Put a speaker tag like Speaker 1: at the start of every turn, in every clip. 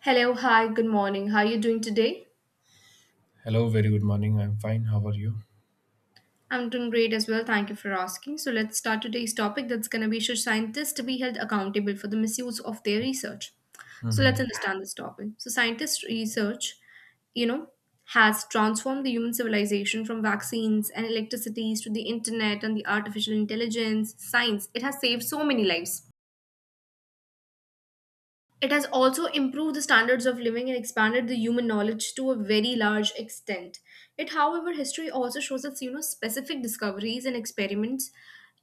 Speaker 1: Hello, hi, good morning. How are you doing today?
Speaker 2: Hello, very good morning. I'm fine. How are you?
Speaker 1: I'm doing great as well. Thank you for asking. So let's start today's topic that's going to be, should scientists be held accountable for the misuse of their research? So let's
Speaker 2: Hmm.
Speaker 1: understand this topic. So scientists research, you know, has transformed the human civilization from vaccines and electricities to the internet and the artificial intelligence, science. It has saved so many lives. It has also improved the standards of living and expanded the human knowledge to a very large extent. It, however, history also shows us, you know, specific discoveries and experiments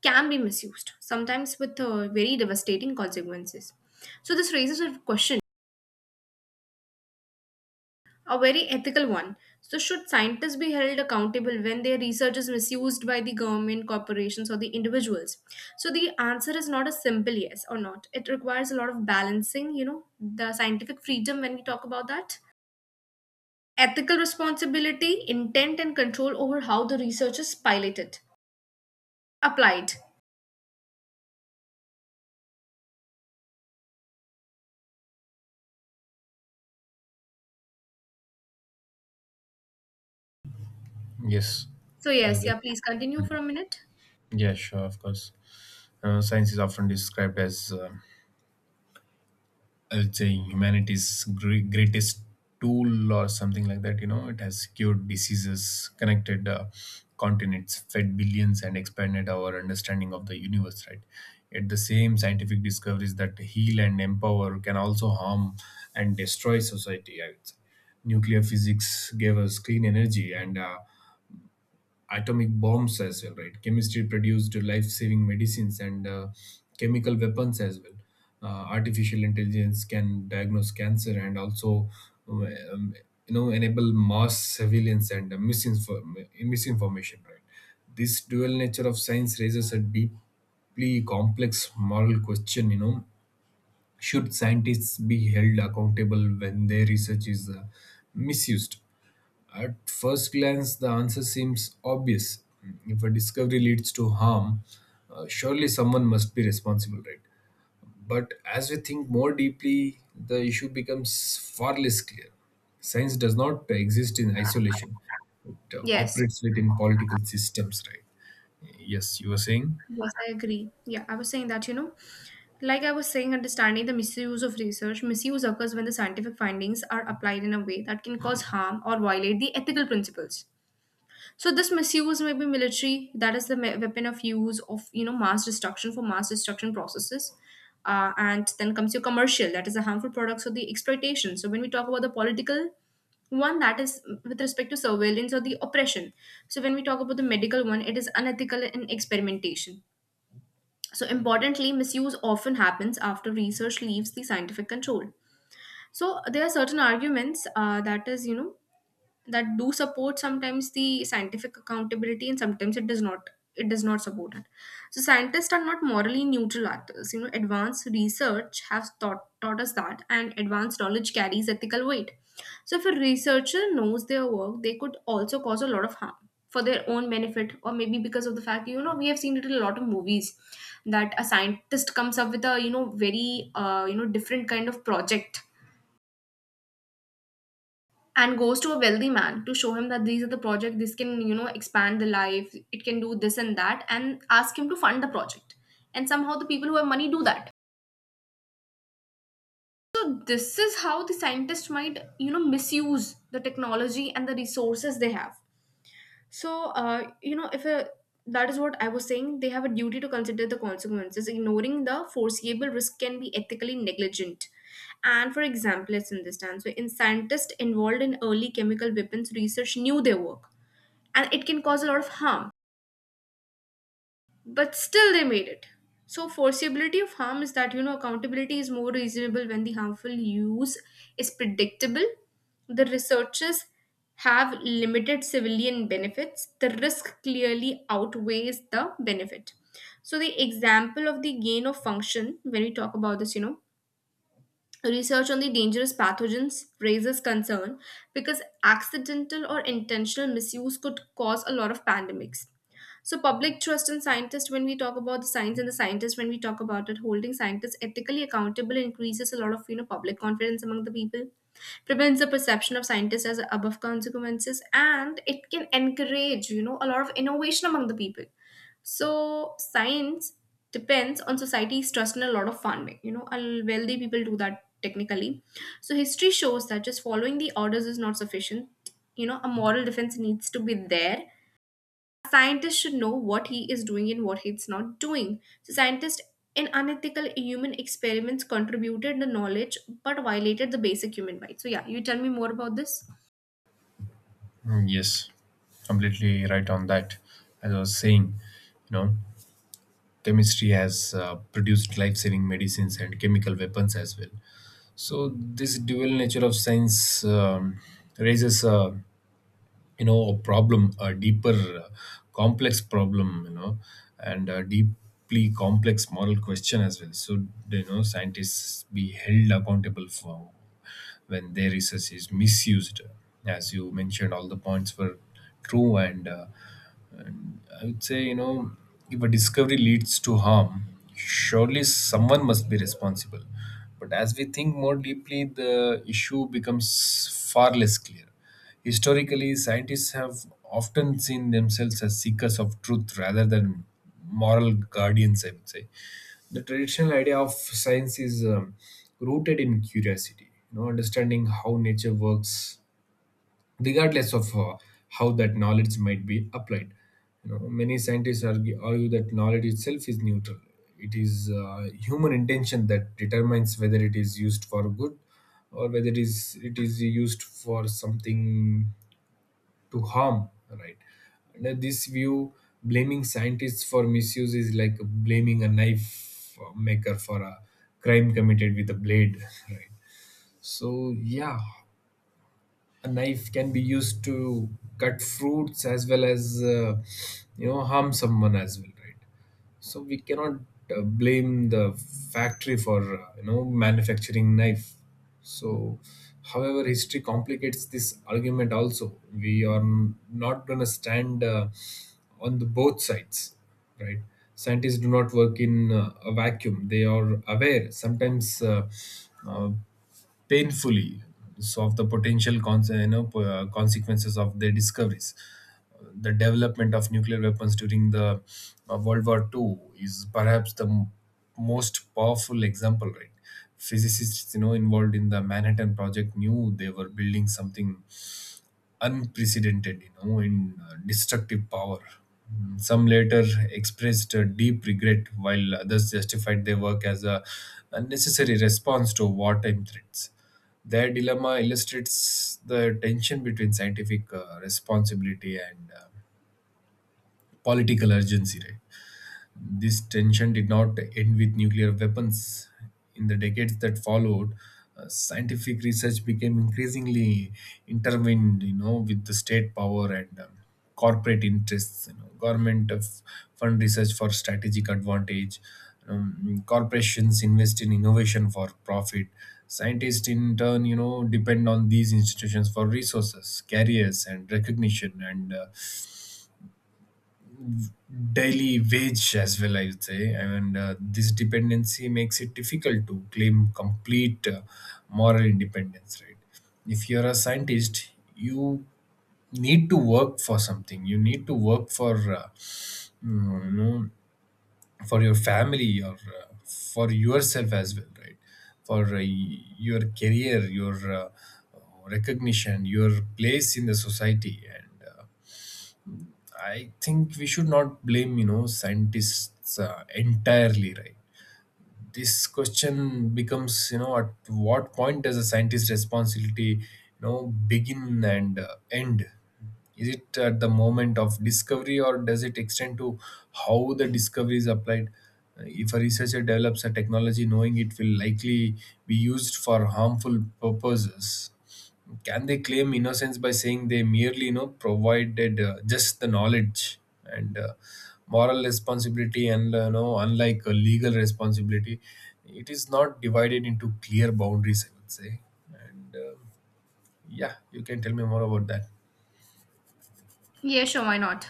Speaker 1: can be misused, sometimes with very devastating consequences. So this raises a question, a very ethical one. So, should scientists be held accountable when their research is misused by the government, corporations, or the individuals? So the answer is not a simple yes or not. It requires a lot of balancing, you know, the scientific freedom when we talk about that, ethical responsibility, intent, and control over how the research is piloted, applied.
Speaker 2: Yes.
Speaker 1: So,
Speaker 2: Are you
Speaker 1: yes,
Speaker 2: there?
Speaker 1: yeah, please continue for
Speaker 2: Mhm.
Speaker 1: a minute.
Speaker 2: Yeah, sure, of course. Science is often described as, I would say, humanity's greatest tool or something like that. You know, it has cured diseases, connected continents, fed billions, and expanded our understanding of the universe, right? Yet the same scientific discoveries that heal and empower can also harm and destroy society. I would say nuclear physics gave us clean energy and atomic bombs as well, right? Chemistry produced life-saving medicines and chemical weapons as well. Artificial intelligence can diagnose cancer and also, um, um, you know, enable mass surveillance and misinformation, right? This dual nature of science raises a deeply complex moral question, you know. Should scientists be held accountable when their research is misused? At first glance, the answer seems obvious. If a discovery leads to harm, surely someone must be responsible, right? But as we think more deeply, the issue becomes far less clear. Science does not exist in isolation, it
Speaker 1: Yes,
Speaker 2: operates within political systems, right? Yes, you were saying?
Speaker 1: yes, I agree. Yeah, I was saying that, you know, like I was saying, understanding the misuse of research, misuse occurs when the scientific findings are applied in a way that can cause harm or violate the ethical principles. So this misuse may be military, that is the weapon of use of, you know, mass destruction, for mass destruction processes. And then comes your commercial, that is the harmful products or the exploitation. So when we talk about the political one, that is with respect to surveillance or the oppression. So when we talk about the medical one, it is unethical in experimentation. So importantly, misuse often happens after research leaves the scientific control. So there are certain arguments that is, you know, that do support sometimes the scientific accountability, and sometimes it does not support it. So scientists are not morally neutral actors. You know, advanced research has taught us that, and advanced knowledge carries ethical weight. So if a researcher knows their work, they could also cause a lot of harm for their own benefit, or maybe because of the fact, you know, we have seen it in a lot of movies that a scientist comes up with a, you know, very you know, different kind of project and goes to a wealthy man to show him that these are the project, this can, you know, expand the life, it can do this and that, and ask him to fund the project. And somehow the people who have money do that. So this is how the scientists might, you know, misuse the technology and the resources they have. So, you know, if a, that is what I was saying, they have a duty to consider the consequences. Ignoring the foreseeable risk can be ethically negligent. And for example, let's understand. So, in scientists involved in early chemical weapons research knew their work, and it can cause a lot of harm, but still they made it. So forcibility of harm is that, you know, accountability is more reasonable when the harmful use is predictable, the researchers have limited civilian benefits, the risk clearly outweighs the benefit. So the example of the gain of function, when we talk about this, you know, research on the dangerous pathogens raises concern because accidental or intentional misuse could cause a lot of pandemics. So public trust in scientists, when we talk about the science and the scientists, when we talk about it, holding scientists ethically accountable increases a lot of, you know, public confidence among the people, prevents the perception of scientists as above consequences, and it can encourage, you know, a lot of innovation among the people. So science depends on society's trust in a lot of farming, you know, and wealthy people do that technically. So history shows that just following the orders is not sufficient, you know, a moral defense needs to be there. Scientist should know what he is doing and what he's not doing. So scientists in unethical human experiments contributed the knowledge but violated the basic human rights. So yeah, you tell me more about this?
Speaker 2: Mm. Yes, completely right on that. As I was saying, you know, chemistry has produced life saving medicines and chemical weapons as well. So this dual nature of science raises a you know a problem, a deeper, uh, complex problem, you know, and a deeply complex moral question as well. So you know scientists be held accountable for when their research is misused, as you mentioned. All the points were true and. I would say, you know, if a discovery leads to harm, surely someone must be responsible. But as we think more deeply, the issue becomes far less clear. Historically, scientists have often seen themselves as seekers of truth rather than moral guardians, I would say. The traditional idea of science is rooted in curiosity, you know, understanding how nature works regardless of how that knowledge might be applied. You know, many scientists argue that knowledge itself is neutral. It is human intention that determines whether it is used for good or whether it is used for something to harm. Right. Under this view, blaming scientists for misuse is like blaming a knife maker for a crime committed with a blade. Right, so yeah, a knife can be used to cut fruits as well as you know harm someone as well, right? So we cannot blame the factory for you know manufacturing knife. So however history complicates this argument also, we are not going to stand on the both sides, right? Scientists do not work in a vacuum. They are aware sometimes uh, painfully of the potential you know, consequences of their discoveries. The development of nuclear weapons during the World War II is perhaps the most powerful example, right? Physicists, you know, involved in the Manhattan Project knew they were building something unprecedented, you know, in destructive power. Mm. Some later expressed deep regret, while others justified their work as a unnecessary response to wartime threats. Their dilemma illustrates the tension between scientific responsibility and political urgency, right? This tension did not end with nuclear weapons. In the decades that followed, scientific research became increasingly intertwined, you know, with the state power and corporate interests. You know, government of fund research for strategic advantage. Corporations invest in innovation for profit. Scientists, in turn, you know, depend on these institutions for resources, careers, and recognition. And daily wage as well, I would say. And this dependency makes it difficult to claim complete moral independence, right? If you're a scientist, you need to work for something. You need to work for you know for your family or for yourself as well, right? For your career, your recognition, your place in the society. And I think we should not blame, you know, scientists entirely, right? This question becomes, you know, at what point does a scientist's responsibility, you know, begin and end? Is it at the moment of discovery or does it extend to how the discovery is applied? If a researcher develops a technology knowing it will likely be used for harmful purposes, can they claim innocence by saying they merely, you know, provided just the knowledge? And moral responsibility, and you know, unlike a legal responsibility, it is not divided into clear boundaries, I would say. And yeah, you can tell me more about that.
Speaker 1: Yeah, sure, why not?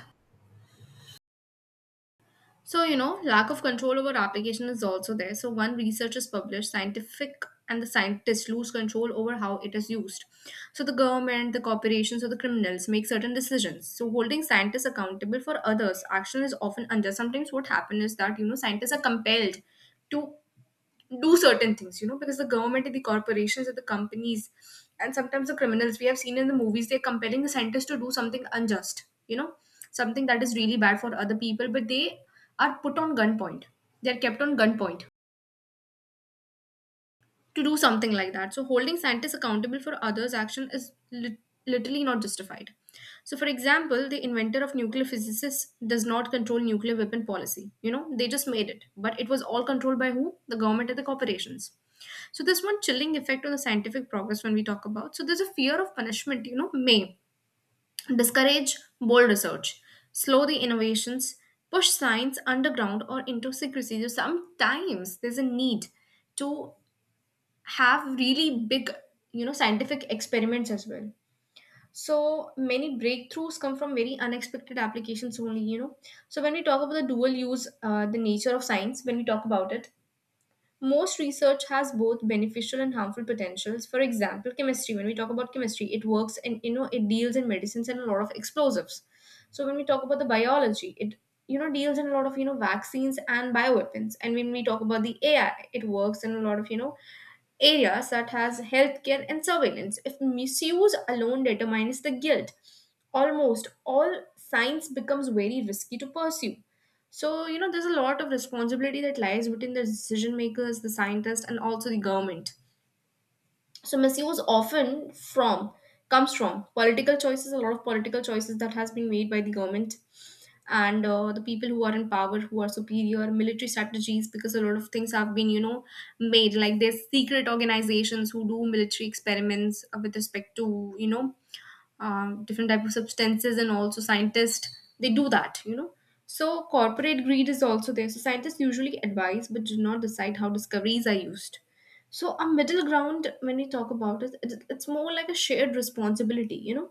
Speaker 1: So, you know, lack of control over application is also there. So when research is published, scientific and the scientists lose control over how it is used. So the government, the corporations, or the criminals make certain decisions. So holding scientists accountable for others' action is often unjust. Sometimes, what happens is that, you know, scientists are compelled to do certain things, you know, because the government and the corporations and the companies and sometimes the criminals, we have seen in the movies, they're compelling the sentence to do something unjust, you know, something that is really bad for other people, but they are put on gunpoint. They're kept on gunpoint to do something like that. So holding scientists accountable for others' action is literally not justified. So, for example, the inventor of nuclear physicists does not control nuclear weapon policy. You know, they just made it, but it was all controlled by who? The government and the corporations. So there's one chilling effect on the scientific progress when we talk about. So there's a fear of punishment, you know, may discourage bold research, slow the innovations, push science underground or into secrecy. So sometimes there's a need to have really big, you know, scientific experiments as well. So many breakthroughs come from very unexpected applications only, you know. So when we talk about the dual use, the nature of science, when we talk about it, most research has both beneficial and harmful potentials. For example, chemistry, when we talk about chemistry, it works, and you know, it deals in medicines and a lot of explosives. So when we talk about the biology, it, you know, deals in a lot of, you know, vaccines and bioweapons. And when we talk about the AI, it works in a lot of, you know, areas that has healthcare and surveillance. If misuse alone determines the guilt, almost all science becomes very risky to pursue. So, you know, there's a lot of responsibility that lies between the decision makers, the scientists, and also the government. So, misuse often from comes from political choices, a lot of political choices that has been made by the government and the people who are in power, who are superior, military strategies, because a lot of things have been, you know, made. Like there's secret organizations who do military experiments with respect to, you know, different type of substances, and also scientists, they do that, you know. So corporate greed is also there. So scientists usually advise but do not decide how discoveries are used. So a middle ground, when we talk about it, it's more like a shared responsibility, you know,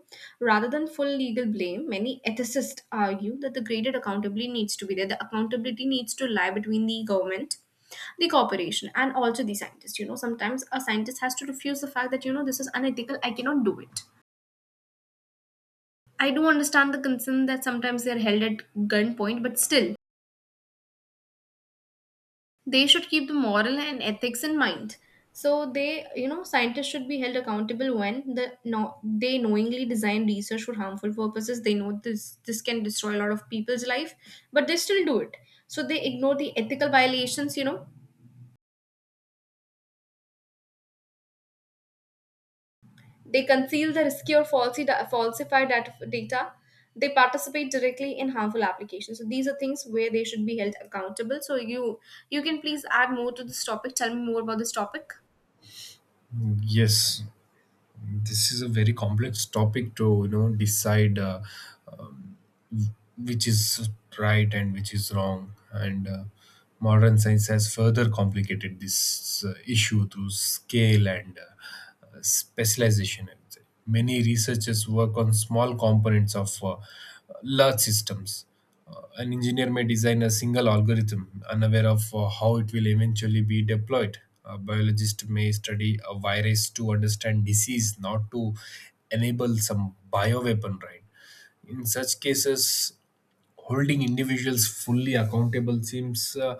Speaker 1: rather than full legal blame. Many ethicists argue that the graded accountability needs to be there. The accountability needs to lie between the government, the corporation, and also the scientist. You know, sometimes a scientist has to refuse the fact that, you know, this is unethical, I cannot do it. I do understand the concern that sometimes they're held at gunpoint, but still, they should keep the moral and ethics in mind. So they, you know, scientists should be held accountable when the no, they knowingly design research for harmful purposes. They know this can destroy a lot of people's life, but they still do it. So they ignore the ethical violations, you know, they conceal the risky or falsified data. They participate directly in harmful applications. So these are things where they should be held accountable. So you can please add more to this topic. Tell me more about this topic.
Speaker 2: Yes, this is a very complex topic to you know decide. Which is right and which is wrong. And modern science has further complicated this issue through scale and specialization, I would say. Many researchers work on small components of large systems. An engineer may design a single algorithm, unaware of how it will eventually be deployed. A biologist may study a virus to understand disease, not to enable some bioweapon, right? In such cases, holding individuals fully accountable seems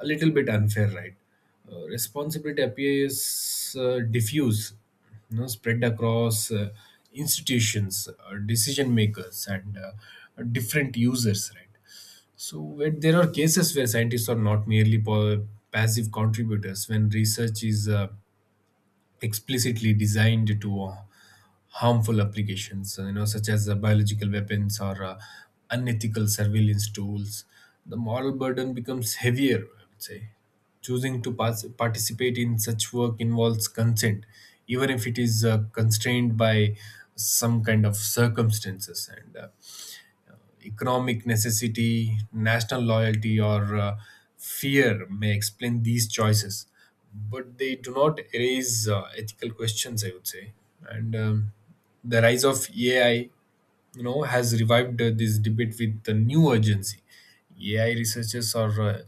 Speaker 2: a little bit unfair, right? Responsibility appears diffuse, you know, spread across institutions, decision makers, and different users, right? So where there are cases where scientists are not merely passive contributors when research is explicitly designed to harmful applications, you know, such as biological weapons or unethical surveillance tools, the moral burden becomes heavier, I would say. Choosing to participate in such work involves consent, even if it is constrained by some kind of circumstances. And economic necessity, national loyalty, or fear may explain these choices, but they do not erase ethical questions, I would say. And the rise of AI you know has revived this debate with the new urgency. AI researchers are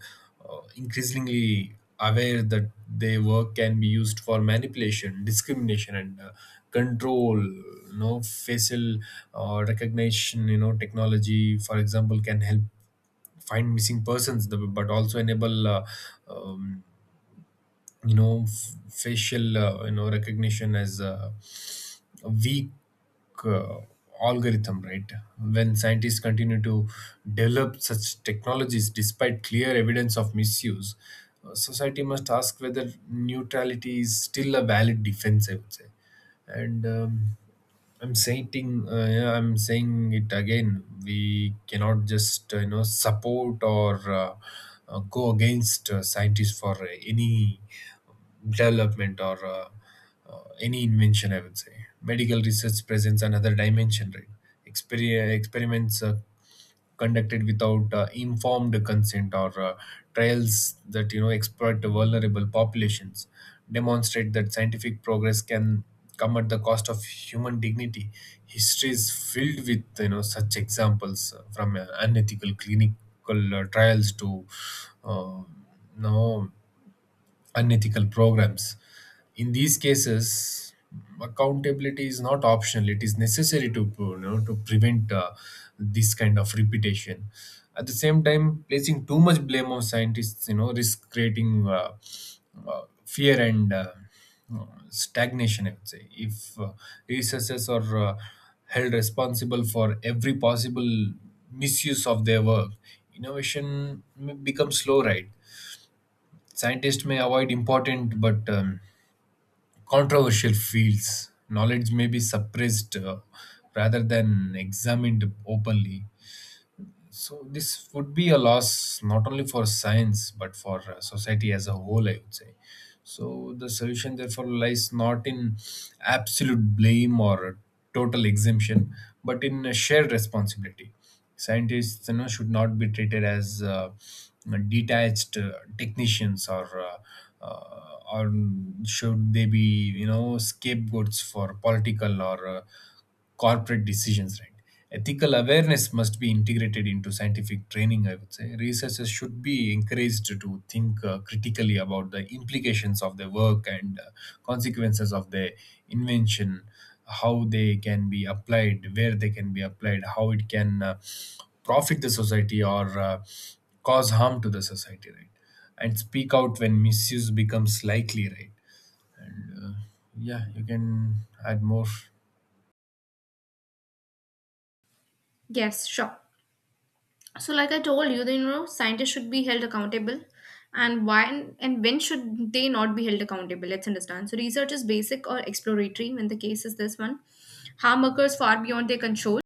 Speaker 2: increasingly aware that their work can be used for manipulation, discrimination, and control. You know, facial recognition, you know, technology for example can help find missing persons, but also enable um, you know facial you know recognition as weak uh, algorithm, right? When scientists continue to develop such technologies despite clear evidence of misuse, society must ask whether neutrality is still a valid defense, I would say. And I'm saying yeah, I'm saying it again. We cannot just you know support or go against scientists for any development or any invention, I would say. Medical research presents another dimension. Right. Experiments conducted without informed consent or trials that you know exploit vulnerable populations demonstrate that scientific progress can come at the cost of human dignity. History is filled with you know such examples from unethical clinical trials to uh, no unethical programs. In these cases, accountability is not optional; it is necessary to you know to prevent this kind of repetition. At the same time, placing too much blame on scientists, you know, risk creating fear and stagnation, I would say. If researchers are held responsible for every possible misuse of their work, innovation may become slow, right? Scientists may avoid important but controversial fields. Knowledge may be suppressed rather than examined openly. So this would be a loss not only for science but for society as a whole, I would say. So the solution therefore lies not in absolute blame or total exemption, but in a shared responsibility. Scientists, you know, should not be treated as detached technicians or should they be you know scapegoats for political or corporate decisions, right? Ethical awareness must be integrated into scientific training, I would say. Researchers should be encouraged to think critically about the implications of their work and consequences of their invention, how they can be applied, where they can be applied, how it can profit the society or cause harm to the society, right? And speak out when misuse becomes likely, right? And yeah, you can add more.
Speaker 1: Yes, sure. So, like I told you, the, you know, scientists should be held accountable, and why and when should they not be held accountable? Let's understand. So, research is basic or exploratory when the case is this one. Harm occurs far beyond their control.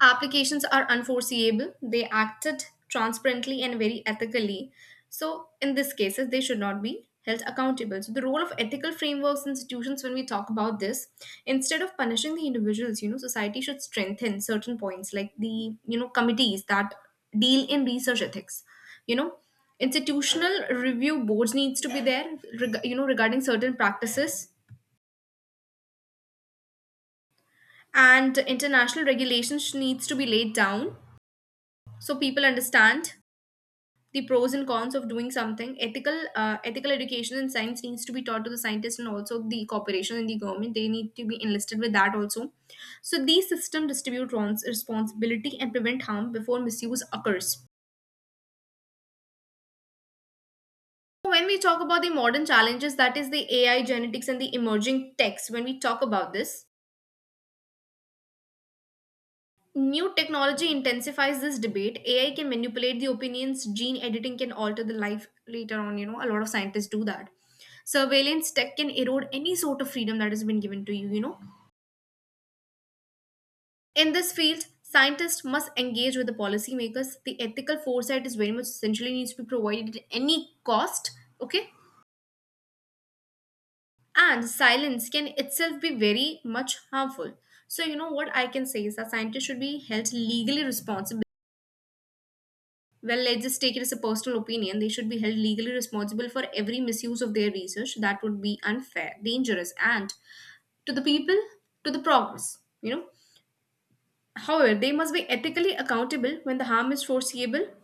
Speaker 1: Applications are unforeseeable. They acted transparently and very ethically, so in these cases they should not be held accountable. So the role of ethical frameworks and institutions when we talk about this, instead of punishing the individuals, society should strengthen certain points like the committees that deal in research ethics, you know institutional review boards needs to be there, regarding certain practices, and international regulations needs to be laid down so people understand the pros and cons of doing something ethical. Ethical education in science needs to be taught to the scientists, and also the corporation and the government, they need to be enlisted with that also. So these system distribute responsibility and prevent harm before misuse occurs. So, when we talk about the modern challenges, that is the AI, genetics, and the emerging techs, when we talk about this, new technology intensifies this debate. AI can manipulate the opinions, gene editing can alter the life later on. You know, a lot of scientists do that. Surveillance tech can erode any sort of freedom that has been given to you, you know. In this field, scientists must engage with the policymakers. The ethical foresight is very much essentially needs to be provided at any cost, okay? And silence can itself be very much harmful. So, you know what I can say is that scientists should be held legally responsible. Well, let's just take it as a personal opinion. They should be held legally responsible for every misuse of their research. That would be unfair, dangerous, and to the people, to the progress, you know. However, they must be ethically accountable when the harm is foreseeable,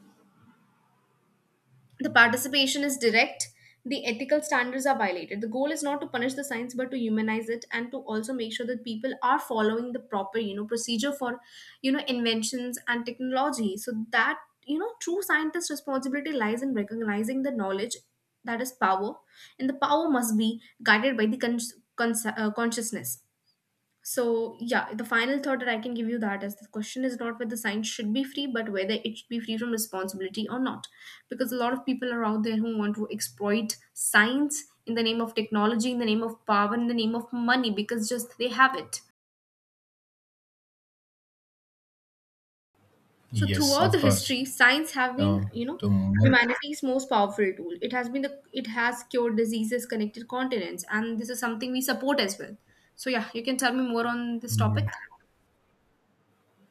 Speaker 1: the participation is direct, the ethical standards are violated. The goal is not to punish the science but to humanize it, and to also make sure that people are following the proper, you know, procedure for, you know, inventions and technology. So that, you know, true scientist responsibility lies in recognizing the knowledge that is power, and the power must be guided by the consciousness. So yeah, the final thought that I can give you, that is, the question is not whether science should be free, but whether it should be free from responsibility or not. Because a lot of people are out there who want to exploit science in the name of technology, in the name of power, in the name of money, because just they have it. So
Speaker 2: Yes,
Speaker 1: throughout
Speaker 2: of
Speaker 1: the
Speaker 2: course.
Speaker 1: history, science have been,
Speaker 2: Uh,
Speaker 1: you know,
Speaker 2: to move,
Speaker 1: humanity's most powerful tool. It has been the it has cured diseases, connected continents, and this is something we support as well. So yeah, you can tell me more on this topic.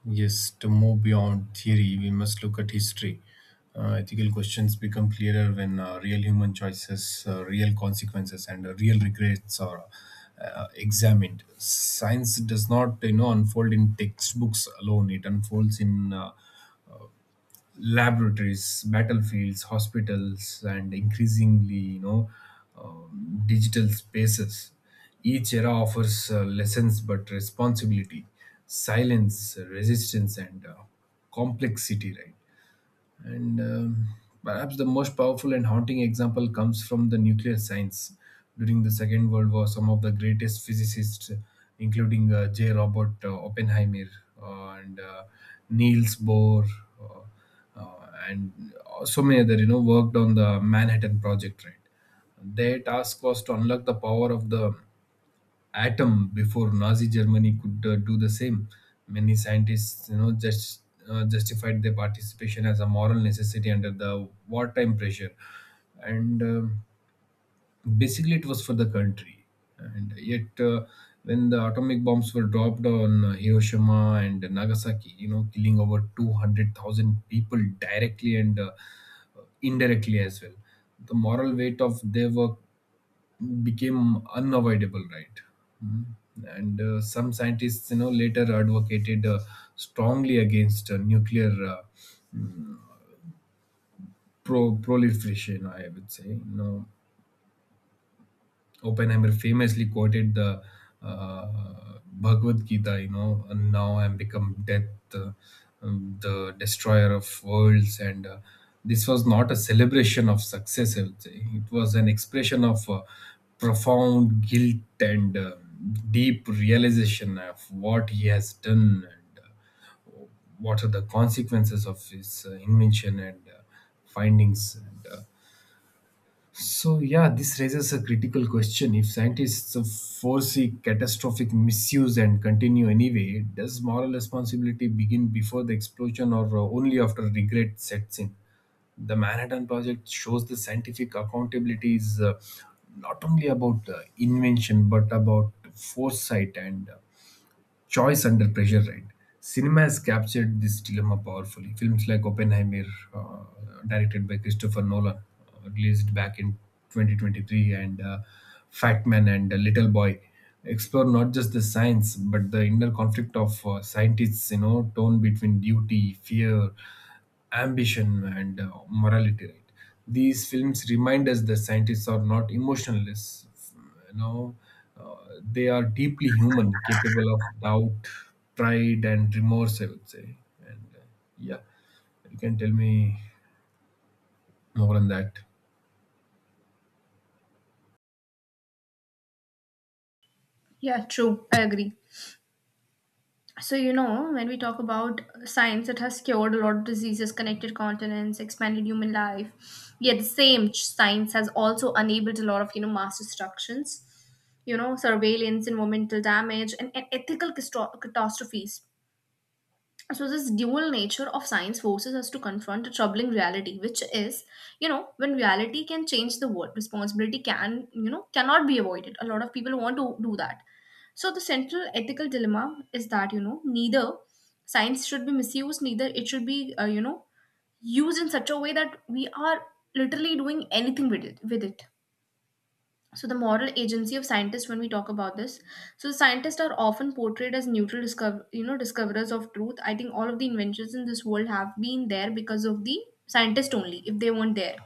Speaker 2: yes, to move beyond theory, we must look at history. Ethical questions become clearer when real human choices, real consequences, and real regrets are examined. Science does not, you know, unfold in textbooks alone. It unfolds in laboratories, battlefields, hospitals, and increasingly, you know, digital spaces. Each era offers lessons but responsibility, silence, resistance, and complexity, right? And perhaps the most powerful and haunting example comes from the nuclear science. During the Second World War, some of the greatest physicists, including J. Robert Oppenheimer and Niels Bohr, uh, uh, and so many other, you know, worked on the Manhattan Project, right? Their task was to unlock the power of the atom before Nazi Germany could do the same. Many scientists, you know, justified their participation as a moral necessity under the wartime pressure, and. Basically it was for the country. And yet, when the atomic bombs were dropped on Hiroshima and Nagasaki, you know, killing over 200,000 people directly and indirectly as well, the moral weight of their work became unavoidable, right? Mm. And some scientists, you know, later advocated strongly against nuclear proliferation, I would say, you know. Oppenheimer famously quoted the uh, Bhagavad Gita, you know, and now I'm become death, uh, the destroyer of worlds. And this was not a celebration of success, I would say. It was an expression of profound guilt and deep realization of what he has done, and what are the consequences of his invention and findings. So, yeah, this raises a critical question. If scientists foresee catastrophic misuse and continue anyway, does moral responsibility begin before the explosion or only after regret sets in? The Manhattan Project shows the scientific accountability is not only about invention but about foresight and choice under pressure, right? Cinema has captured this dilemma powerfully. Films like Oppenheimer, uh, directed by Christopher Nolan, released back in 2023, and Fat Man and Little Boy explore not just the science but the inner conflict of scientists, you know, tone between duty, fear, ambition and morality, right? These films remind us that scientists are not emotionless, you know uh, they are deeply human, capable of doubt, pride and remorse, I would say. And yeah, you can tell me more on that.
Speaker 1: Yeah, true. I agree. So, you know, when we talk about science, it has cured a lot of diseases, connected continents, expanded human life. Yet, the same science has also enabled a lot of, you know, mass destructions, you know, surveillance, environmental damage, and ethical catastrophes. So this dual nature of science forces us to confront a troubling reality, which is, you know, when reality can change the world, responsibility can, you know, cannot be avoided. A lot of people want to do that. So the central ethical dilemma is that, you know, neither science should be misused, neither it should be you know, used in such a way that we are literally doing anything with it. So the moral agency of scientists, when we talk about this, so scientists are often portrayed as neutral discover you know, discoverers of truth. I think all of the inventions in this world have been there because of the scientist only. If they weren't there,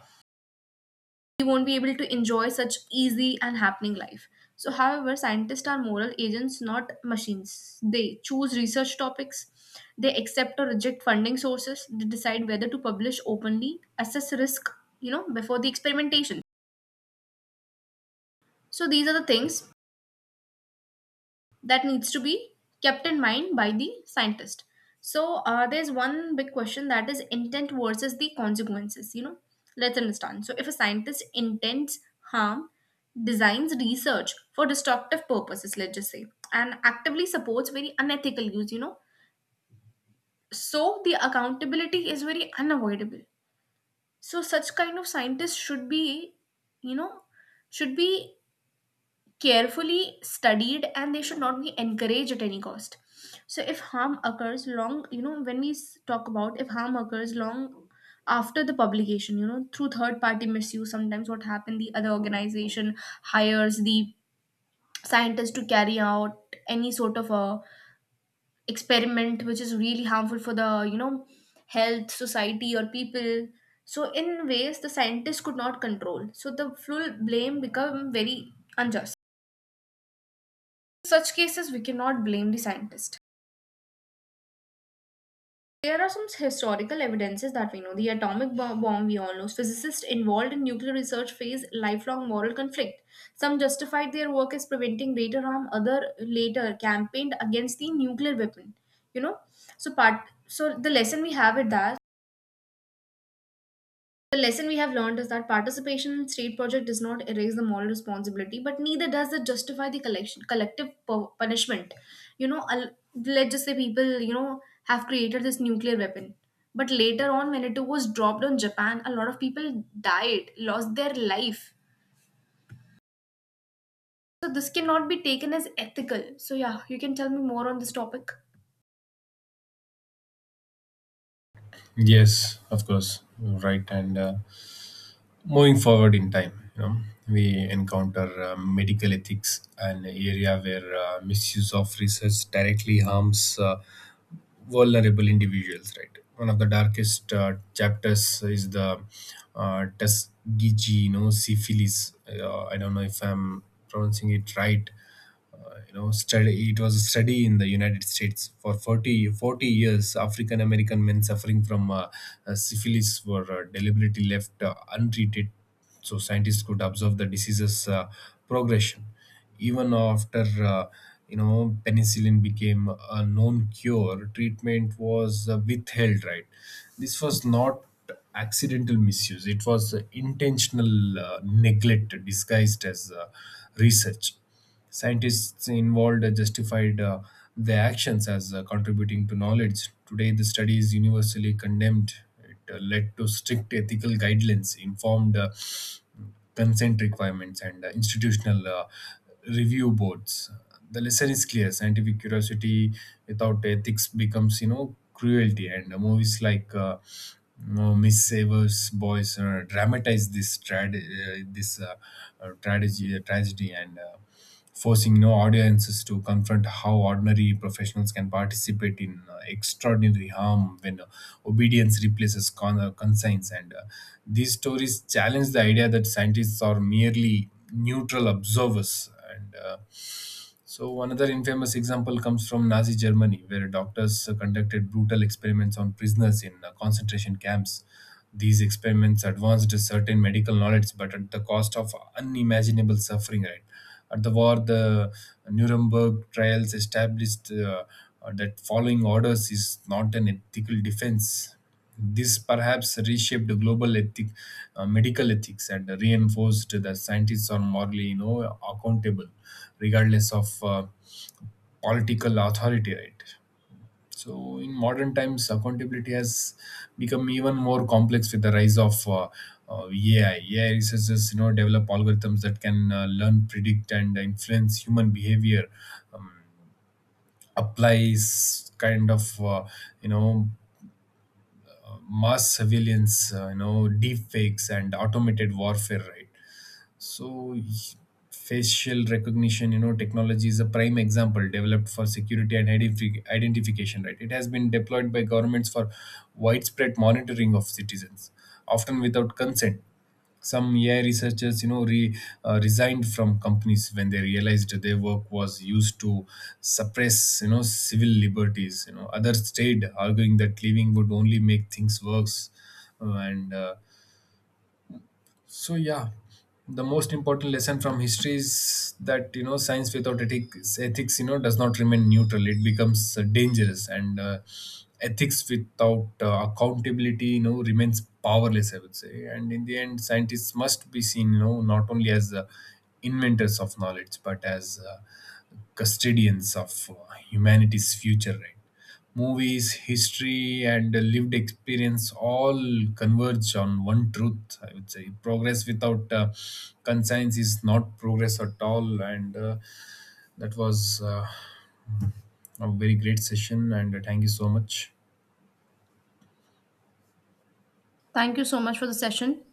Speaker 1: we won't be able to enjoy such easy and happening life. So however, scientists are moral agents, not machines. They choose research topics, they accept or reject funding sources, they decide whether to publish openly, assess risk, you know, before the experimentation. So these are the things that needs to be kept in mind by the scientist. So there's one big question, that is intent versus the consequences, you know. Let's understand. So if a scientist intends harm, designs research for destructive purposes, let's just say, and actively supports very unethical use, you know, so the accountability is very unavoidable. So such kind of scientists should be, you know, should be carefully studied, and they should not be encouraged at any cost. So if harm occurs long, you know, when we s- talk about if harm occurs long after the publication, you know, through third party misuse, sometimes what happened, the other organization hires the scientist to carry out any sort of a experiment which is really harmful for the, you know, health, society, or people. So in ways the scientists could not control, so the full blame become very unjust. Such cases, we cannot blame the scientist. There are some historical evidences that we know. The atomic bomb, we all know. Physicists involved in nuclear research face lifelong moral conflict. Some justified their work as preventing greater harm, other later campaigned against the nuclear weapon. You know, so part so the lesson we have it that The lesson we have learned is that participation in state project does not erase the moral responsibility, but neither does it justify the collection, collective punishment. You know, let's just say people, you know, have created this nuclear weapon. But later on, when it was dropped on Japan, a lot of people died, lost their life. So this cannot be taken as ethical. So yeah, you can tell me more on this topic.
Speaker 2: Yes, of course, you're right. And moving forward in time, you know, we encounter medical ethics, an area where misuse of research directly harms vulnerable individuals, right? One of the darkest chapters is the Tuskegee, you know, syphilis, I don't know if I'm pronouncing it right, you know, study. It was a study in the United States for forty years. African American men suffering from syphilis were deliberately left untreated so scientists could observe the disease's progression. Even after, uh, you know, penicillin became a known cure, treatment was withheld, right? This was not accidental misuse, it was intentional neglect disguised as research. Scientists involved justified their actions as contributing to knowledge. Today, the study is universally condemned. It led to strict ethical guidelines, informed consent requirements, and institutional review boards. The lesson is clear: scientific curiosity without ethics becomes, you know, cruelty. And movies like Miss Savers Boys dramatize this tragedy, and forcing no audiences to confront how ordinary professionals can participate in extraordinary harm when obedience replaces conscience. And These stories challenge the idea that scientists are merely neutral observers. And. So another infamous example comes from Nazi Germany, where doctors conducted brutal experiments on prisoners in concentration camps. These experiments advanced a certain medical knowledge, but at the cost of unimaginable suffering, right? At the war, the Nuremberg trials established that following orders is not an ethical defense. This perhaps reshaped the global ethic, medical ethics, and reinforced that scientists are morally, you know, accountable regardless of political authority, right? So, in modern times, accountability has become even more complex with the rise of AI. AI researchers, you know, develop algorithms that can learn, predict, and influence human behavior. Um, applies kind of, you know, mass surveillance, you know, deep fakes and automated warfare, right? So facial recognition, you know, technology is a prime example, developed for security and identification, right? It has been deployed by governments for widespread monitoring of citizens, often without consent. Some AI researchers, you know, resigned from companies when they realized their work was used to suppress, you know, civil liberties. You know, others stayed, arguing that leaving would only make things worse. And So yeah, the most important lesson from history is that, you know, science without ethics, you know, does not remain neutral. It becomes dangerous, and ethics without accountability, you know, remains powerless, I would say. And in the end, scientists must be seen, you know, not only as the inventors of knowledge, but as custodians of humanity's future, right? Movies, history, and lived experience all converge on one truth, I would say. Progress without conscience is not progress at all. And that was a very great session. And thank you so much.
Speaker 1: Thank you so much for the session.